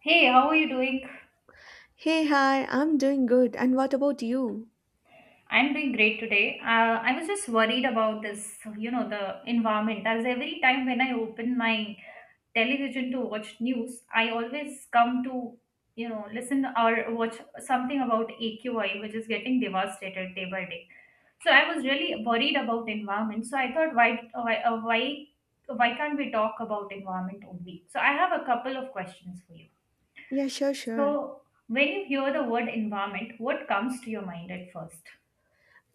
Hey, how are you doing? Hey, hi, I'm doing good. And what about you? I'm doing great today. I was just worried about this, you know, the environment. As every time when I open my television to watch news, I always come to, you know, listen or watch something about AQI, which is getting devastated day by day. So I was really worried about environment. So I thought, why can't we talk about environment only? So I have a couple of questions for you. Yeah, sure, sure. So when you hear the word environment, what comes to your mind at first?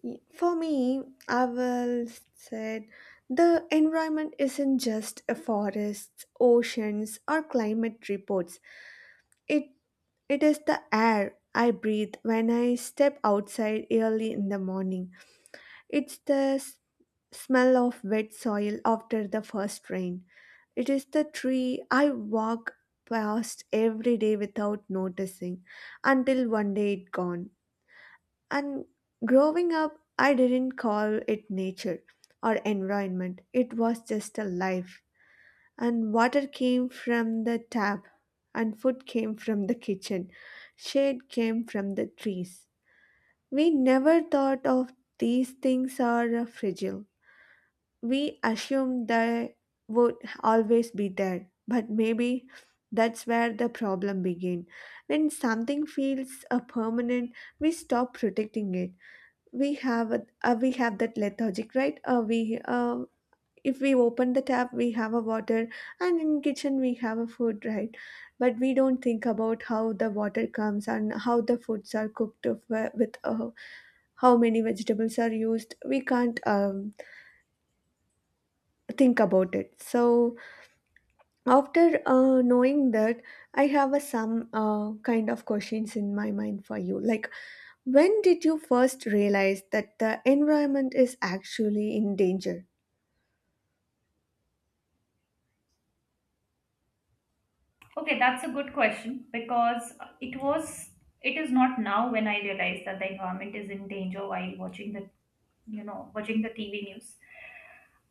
For me, I will said the environment isn't just a forest, oceans, or climate reports. It it is the air I breathe when I step outside early in the morning. It's the smell of wet soil after the first rain. It is the tree I walk past every day without noticing until one day it gone. And growing up, I didn't call it nature or environment, it was just a life. And water came from the tap, and food came from the kitchen, shade came from the trees. We never thought of these things are fragile. We assume they would always be there, but maybe that's where the problem begins when something feels a permanent, we stop protecting it. We have a, we have that lethargic, right? We If we open the tap we have a water, and in kitchen we have a food, right? But we don't think about how the water comes and how the foods are cooked with how many vegetables are used. We can't think about it. So after knowing that, I have a some kind of questions in my mind for you. Like, when did you first realize that the environment is actually in danger? Okay, that's a good question because it was it is not now when I realized that the environment is in danger while watching the, you know, watching the TV news.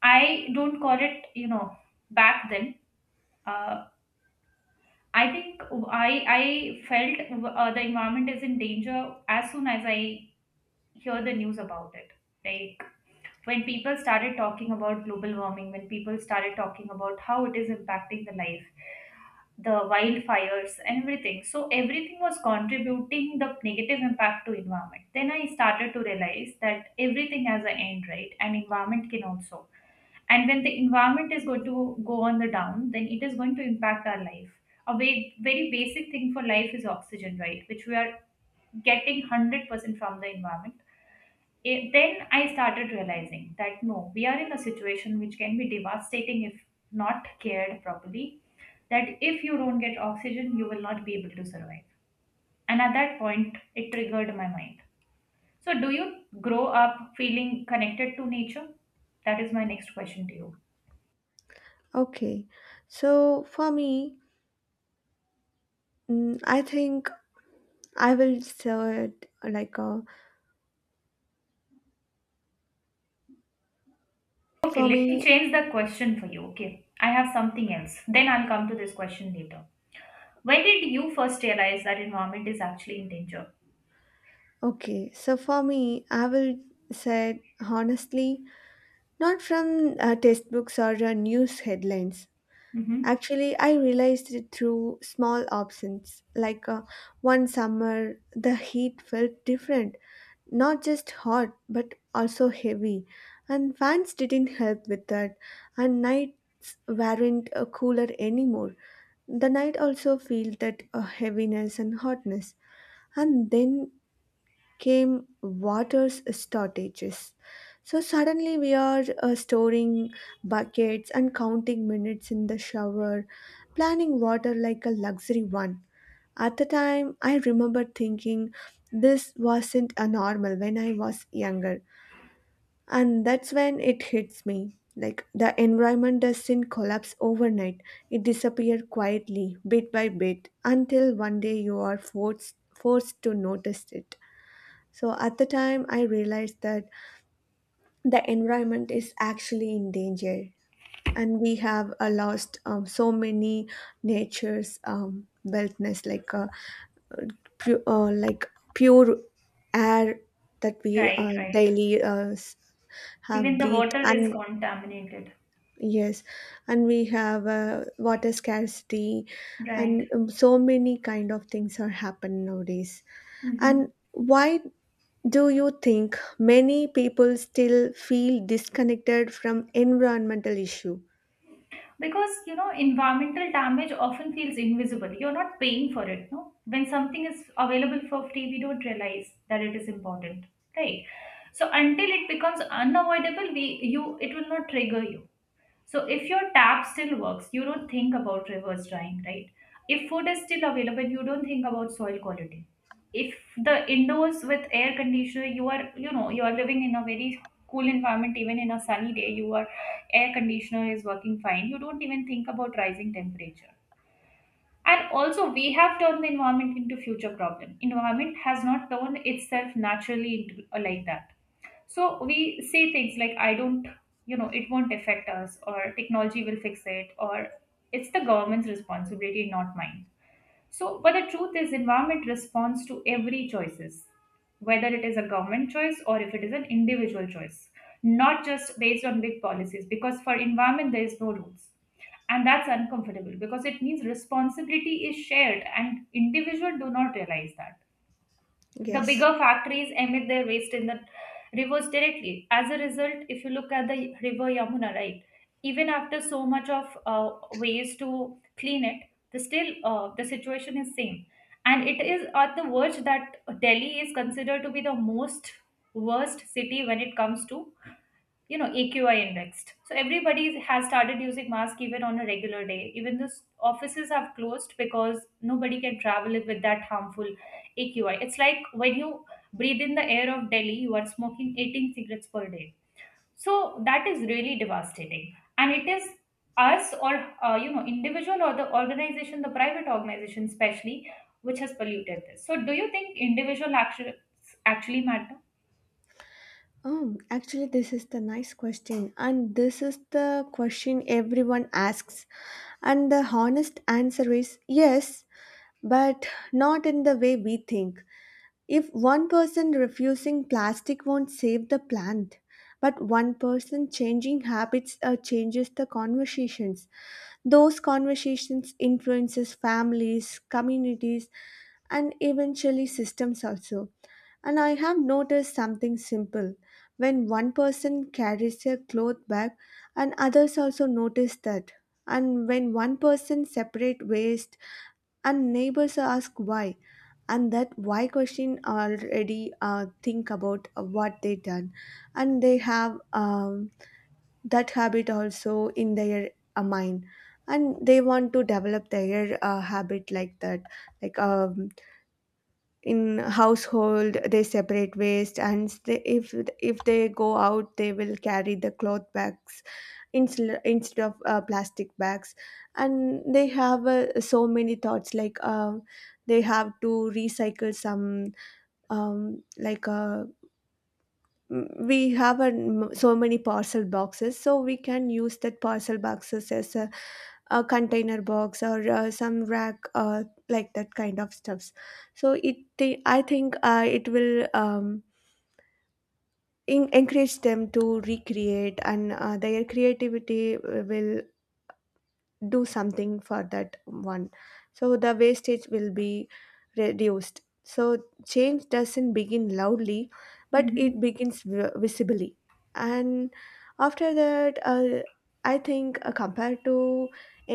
I don't call it, you know, back then. Uh, I think I felt, the environment is in danger as soon as I hear the news about it. Like when people started talking about global warming, when people started talking about how it is impacting the life, the wildfires and everything, so everything was contributing the negative impact to environment. Then I started to realize that everything has an end, right? And environment can also. And when the environment is going to go on the down, then it is going to impact our life. A very, very basic thing for life is oxygen, right, which we are getting 100% from the environment. It, then I started realizing that no, we are in a situation which can be devastating if not cared properly. That if you don't get oxygen, you will not be able to survive. And at that point, it triggered my mind. So, do you grow up feeling connected to nature? That is my next question to you. Okay, so for me, I think I will say it like Okay, for let me me. change the question for you. Okay, I have something else. Then I'll come to this question later. When did you first realize that environment is actually in danger? Okay, so for me, I will say it honestly, not from textbooks or news headlines. Mm-hmm. Actually, I realized it through small absence. Like one summer, the heat felt different, not just hot, but also heavy. And fans didn't help with that. And nights weren't cooler anymore. The night also felt that heaviness and hotness. And then came water's shortages. So suddenly we are storing buckets and counting minutes in the shower, planning water like a luxury one. At the time, I remember thinking this wasn't a normal when I was younger. And that's when it hits me. Like the environment doesn't collapse overnight, it disappears quietly, bit by bit, until one day you are forced to notice it. So at the time, I realized that the environment is actually in danger, and we have lost so many nature's wellness, like like pure air that we Right, right. daily have Even the breathe, water is and contaminated. yes, and we have water scarcity, Right. and so many kind of things are happening nowadays. And Hmm. why do you think many people still feel disconnected from environmental issue? Because, you know, environmental damage often feels invisible. You're not paying for it, no? When something is available for free, we don't realize that it is important. Right. So until it becomes unavoidable, we, you, it will not trigger you. So if your tap still works, you don't think about reverse drying, right? If food is still available, you don't think about soil quality. If the indoors with air conditioner, you are, you know, you are living in a very cool environment, even in a sunny day, your air conditioner is working fine. You don't even think about rising temperature. And also, we have turned the environment into future problem. Environment has not turned itself naturally into like that. So we say things like, I don't, you know, it won't affect us, or technology will fix it, or it's the government's responsibility, not mine. So, but the truth is, environment responds to every choices, whether it is a government choice or if it is an individual choice, not just based on big policies. Because for environment, there is no rules, and that's uncomfortable because it means responsibility is shared, and individual do not realize that the Yes. bigger factories emit their waste in the rivers directly. As a result, if you look at the river Yamuna, right, even after so much of ways to clean it, the still, the situation is same, and it is at the verge that Delhi is considered to be the most worst city when it comes to, you know, AQI indexed. So everybody has started using mask even on a regular day, even the offices have closed because nobody can travel with that harmful AQI. It's like when you breathe in the air of Delhi, you are smoking 18 cigarettes per day. So that is really devastating. And it is us or, you know, individual or the organization, the private organization especially, which has polluted this. So do you think individual actions actually matter? Actually, this is the nice question, and this is the question everyone asks. And the honest answer is yes, but not in the way we think. If one person refusing plastic won't save the planet, but one person changing habits changes the conversations. Those conversations influences families, communities, and eventually systems also. And I have noticed something simple. When one person carries a cloth bag and others also notice that. And when one person separate waste and neighbors ask why, and that why question already think about what they done, and they have that habit also in their mind, and they want to develop their habit like that. Like in household they separate waste, and they, if they go out they will carry the cloth bags instead of plastic bags. And they have so many thoughts, like they have to recycle some, um, like uh, we have a, so many parcel boxes, so we can use that parcel boxes as a container box or some rack, like that kind of stuffs. So it I think it will encourage them to recreate, and their creativity will do something for that one, so the wastage will be reduced. So change doesn't begin loudly, but it Hmm. begins visibly. And after that I think compared to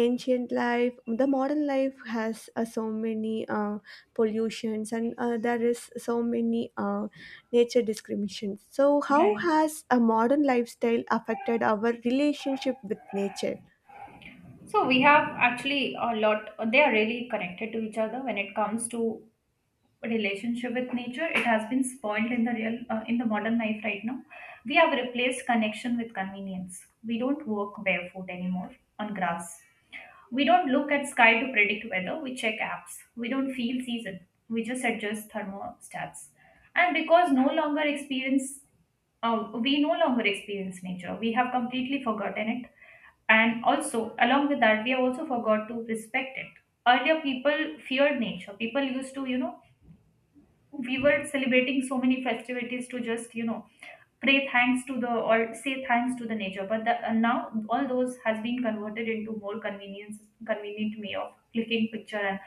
ancient life, the modern life has so many pollutions, and there is so many nature discriminations. So how Right. has a modern lifestyle affected our relationship with nature? So we have actually a lot, they are really connected to each other when it comes to relationship with nature. It has been spoiled in the real, in the modern life right now. We have replaced connection with convenience. We don't walk barefoot anymore on grass. We don't look at sky to predict weather, we check apps. We don't feel season, we just adjust thermostats. And because no longer experience, we no longer experience nature. We have completely forgotten it. And also, along with that, we have also forgot to respect it. Earlier, people feared nature. People used to, you know, we were celebrating so many festivities to just, you know, pray thanks to the, or say thanks to the nature, but the, now all those has been converted into more convenience convenient way of clicking picture and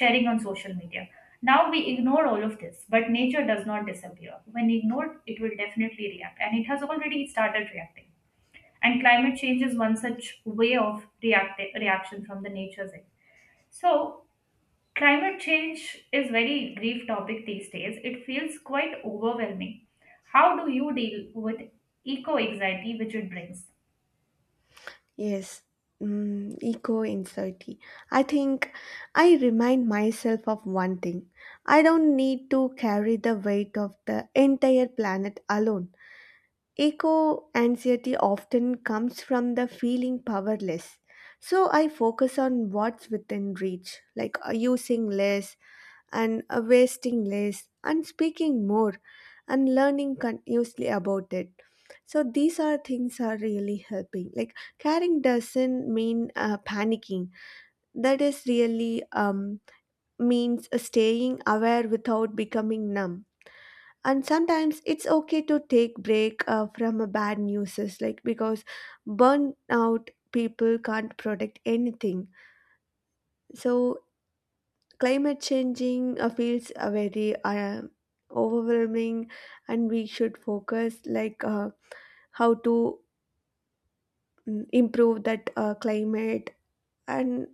sharing on social media. Now we ignore all of this, but nature does not disappear when ignored. It will definitely react, and it has already started reacting. And climate change is one such way of reaction from the nature's end. So climate change is very grief topic these days. It feels quite overwhelming. How do you deal with eco anxiety which it brings? Yes, eco anxiety. I think I remind myself of one thing. I don't need to carry the weight of the entire planet alone. Eco anxiety often comes from the feeling powerless. So I focus on what's within reach, like using less and wasting less and speaking more and learning continuously about it. So these are things are really helping. Like caring doesn't mean panicking. That is really means staying aware without becoming numb. And sometimes it's okay to take break from a bad news, is like, because burnout people can't protect anything. So climate changing feels very overwhelming, and we should focus like. How to improve that climate. And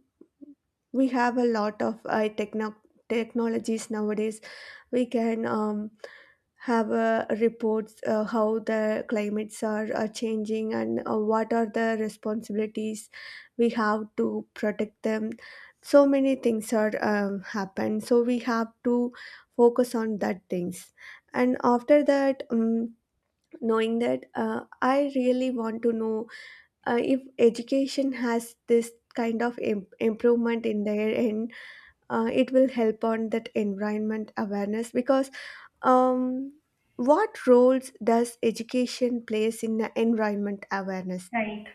we have a lot of technologies nowadays. We can have reports how the climates are changing, and what are the responsibilities we have to protect them. So many things are happen, so we have to focus on that things. And after that knowing that I really want to know if education has this kind of improvement in their end, it will help on that environment awareness because um, what roles does education plays in the environment awareness? Right.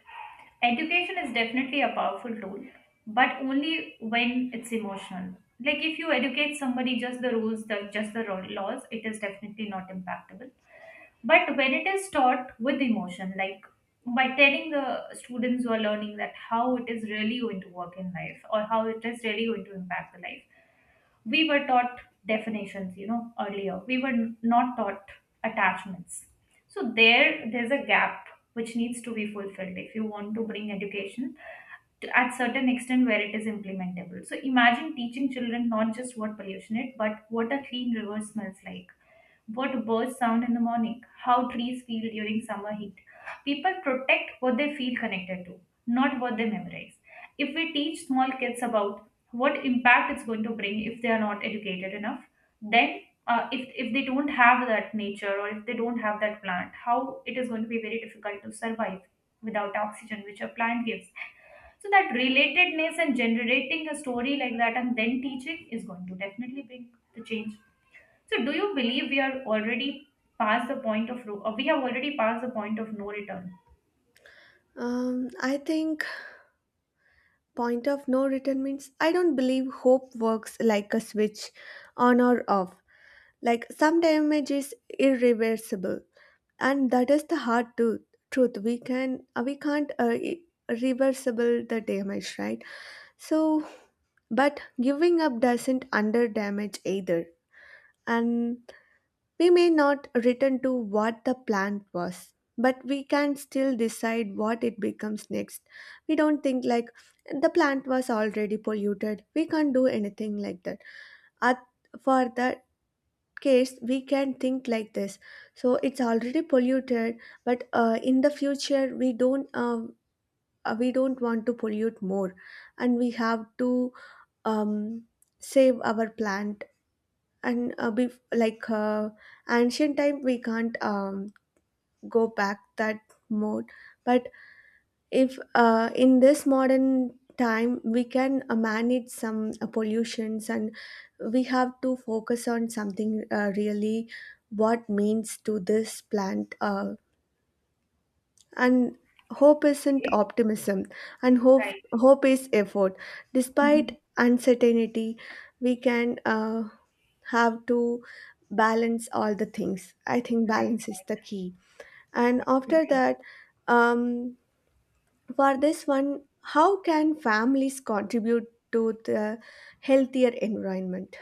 Education is definitely a powerful tool, but only when it's emotional. Like if you educate somebody just the rules, the, just the laws, it is definitely not impactable. But when it is taught with emotion, like by telling the students who are learning that how it is really going to work in life or how it is really going to impact the life, we were taught definitions, you know, earlier we were not taught attachments. So there's a gap which needs to be fulfilled if you want to bring education to, at certain extent where it is implementable. So imagine teaching children not just what pollution is, but what a clean river smells like, what birds sound in the morning, how trees feel during summer heat. People protect what they feel connected to, not what they memorize. If we teach small kids about what impact it's going to bring if they are not educated enough, then, if they don't have that nature or if they don't have that plant, how it is going to be very difficult to survive without oxygen, which a plant gives. So that relatedness and generating a story like that and then teaching is going to definitely bring the change. So do you believe we are already past the point of, or we have already passed the point of no return? I think point of no return means I don't believe hope works like a switch on or off. Like some damage is irreversible, and that is the hard to, truth. We can we can't I- reversible the damage, right? So but giving up doesn't under damage either. And we may not return to what the plan was, but we can still decide what it becomes next. We don't think like the plant was already polluted, we can't do anything like that. At, for the case, we can think like this. So it's already polluted, but in the future we don't want to pollute more, and we have to um, save our plant. And like ancient time we can't go back that mode. But if in this modern time we can manage some pollutions, and we have to focus on something really what means to this plant and hope isn't optimism, and hope Right. hope is effort Mhm. despite uncertainty. We can have to balance all the things. I think Right, balance is right. the key. And after Absolutely. that, um for this one, how can families contribute to the healthier environment?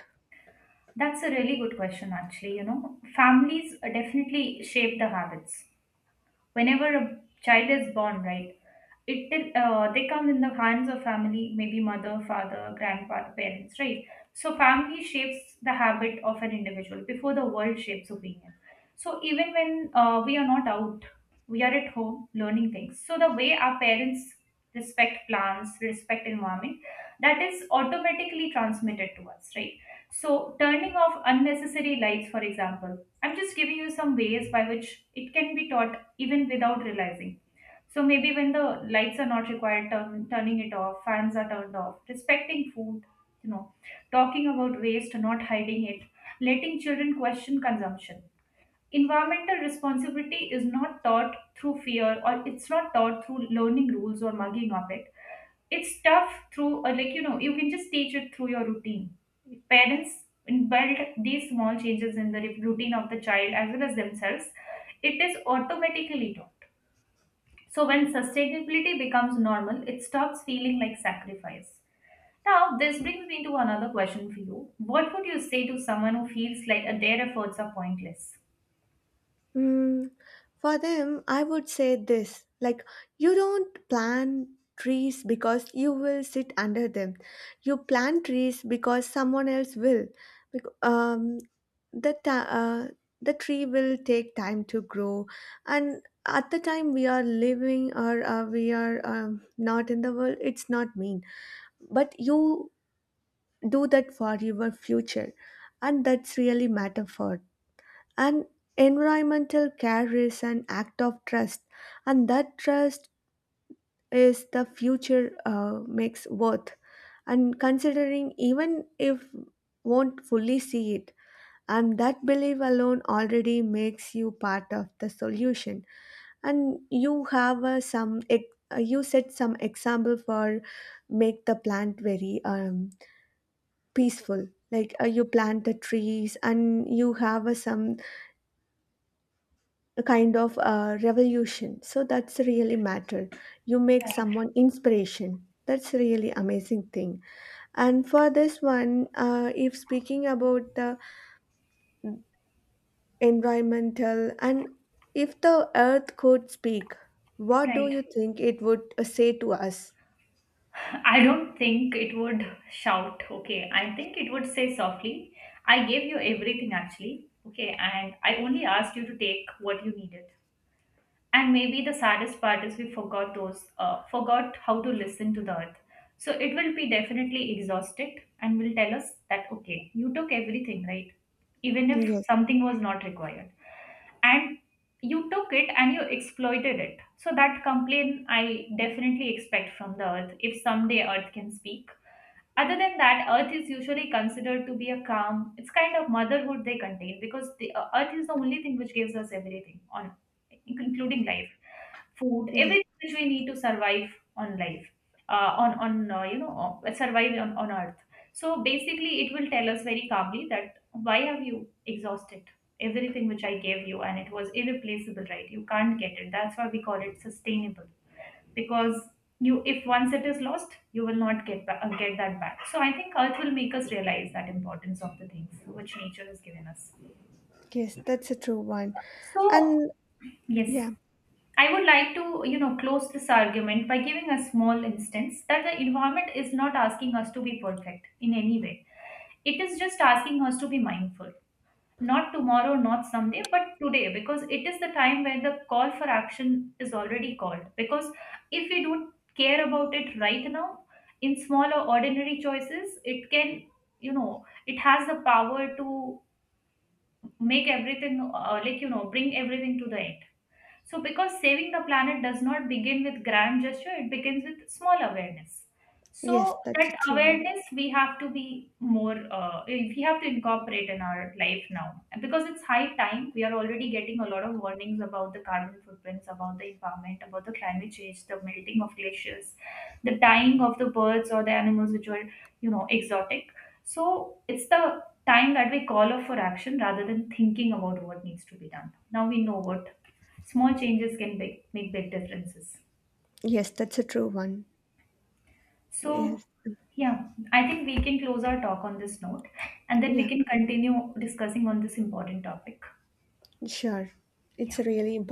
That's a really good question, actually. You know, families definitely shape the habits. Whenever a child is born, right, it they come in the hands of family, maybe mother, father, grandpa, parents, right? So family shapes the habit of an individual before the world shapes opinion. So even when we are not out, we are at home learning things. So the way our parents respect plants, respect environment, that is automatically transmitted to us, right? So turning off unnecessary lights, for example. I'm just giving you some ways by which it can be taught even without realizing. So maybe when the lights are not required, turning it off, fans are turned off, respecting food, you know, talking about waste, not hiding it, letting children question consumption. Environmental responsibility is not taught through fear, or it's not taught through learning rules or mugging of it. It's tough through, or like, you know, you can just teach it through your routine. If parents embed these small changes in the routine of the child as well as themselves, it is automatically taught. So when sustainability becomes normal, it stops feeling like sacrifice. Now, this brings me to another question for you. What would you say to someone who feels like their efforts are pointless? Mm, for them, I would say this like, you don't plant trees because you will sit under them. You plant trees because someone else will. Bec- Um, the, ta- uh, the tree will take time to grow, and at the time we are living or we are not in the world, it's not mean. But you do that for your future, and that's really matter for. And environmental care is an act of trust, and that trust is the future makes worth, and considering even if won't fully see it. And that belief alone already makes you part of the solution, and you have you set some example for make the plant very peaceful. Like you plant the trees and you have a, some kind of revolution, so that's really matter. You make someone inspiration, that's really amazing thing. And for this one if speaking about the environmental and if the earth could speak, what do Right. you think it would say to us? I don't think it would shout, okay. I think it would say softly, I gave you everything actually, okay, and I only asked you to take what you needed. And maybe the saddest part is we forgot those, forgot how to listen to the earth. So it will be definitely exhausted and will tell us that okay, you took everything, right, even if Yes. something was not required. And you took it and you exploited it. So that complaint I definitely expect from the earth if someday earth can speak. Other than that, Earth is usually considered to be a calm. It's kind of motherhood they contain, because the, Earth is the only thing which gives us everything on, including life, food, Yes. everything which we need to survive on life, on you know, survive on Earth. So basically, it will tell us very calmly that why have you exhausted everything which I gave you, and it was irreplaceable, right? You can't get it. That's why we call it sustainable, because you, if once it is lost, you will not get get that back. So I think earth will make us realize that importance of the things which nature has given us. Yes, that's a true one. So And yes, yeah. I would like to, you know, close this argument by giving a small instance that the environment is not asking us to be perfect in any way, it is just asking us to be mindful. Not tomorrow, not someday, but today, because it is the time where the call for action is already called. Because if we don't care about it right now, in smaller, ordinary choices, it can, you know, it has the power to make everything, like, you know, bring everything to the end. So because saving the planet does not begin with grand gesture, it begins with small awareness. Yes, So that's that a true one. awareness we have to be more, we have to incorporate in our life now. And because it's high time, we are already getting a lot of warnings about the carbon footprints, about the environment, about the climate change, the melting of glaciers, the dying of the birds or the animals which were, you know, exotic. So it's the time that we call off for action rather than thinking about what needs to be done. Now we know what small changes can make big differences. Yes, that's a true one. So Yes. yeah, I think we can close our talk on this note, and then we Yeah, can continue discussing on this important topic. sure. It's Yeah. really important.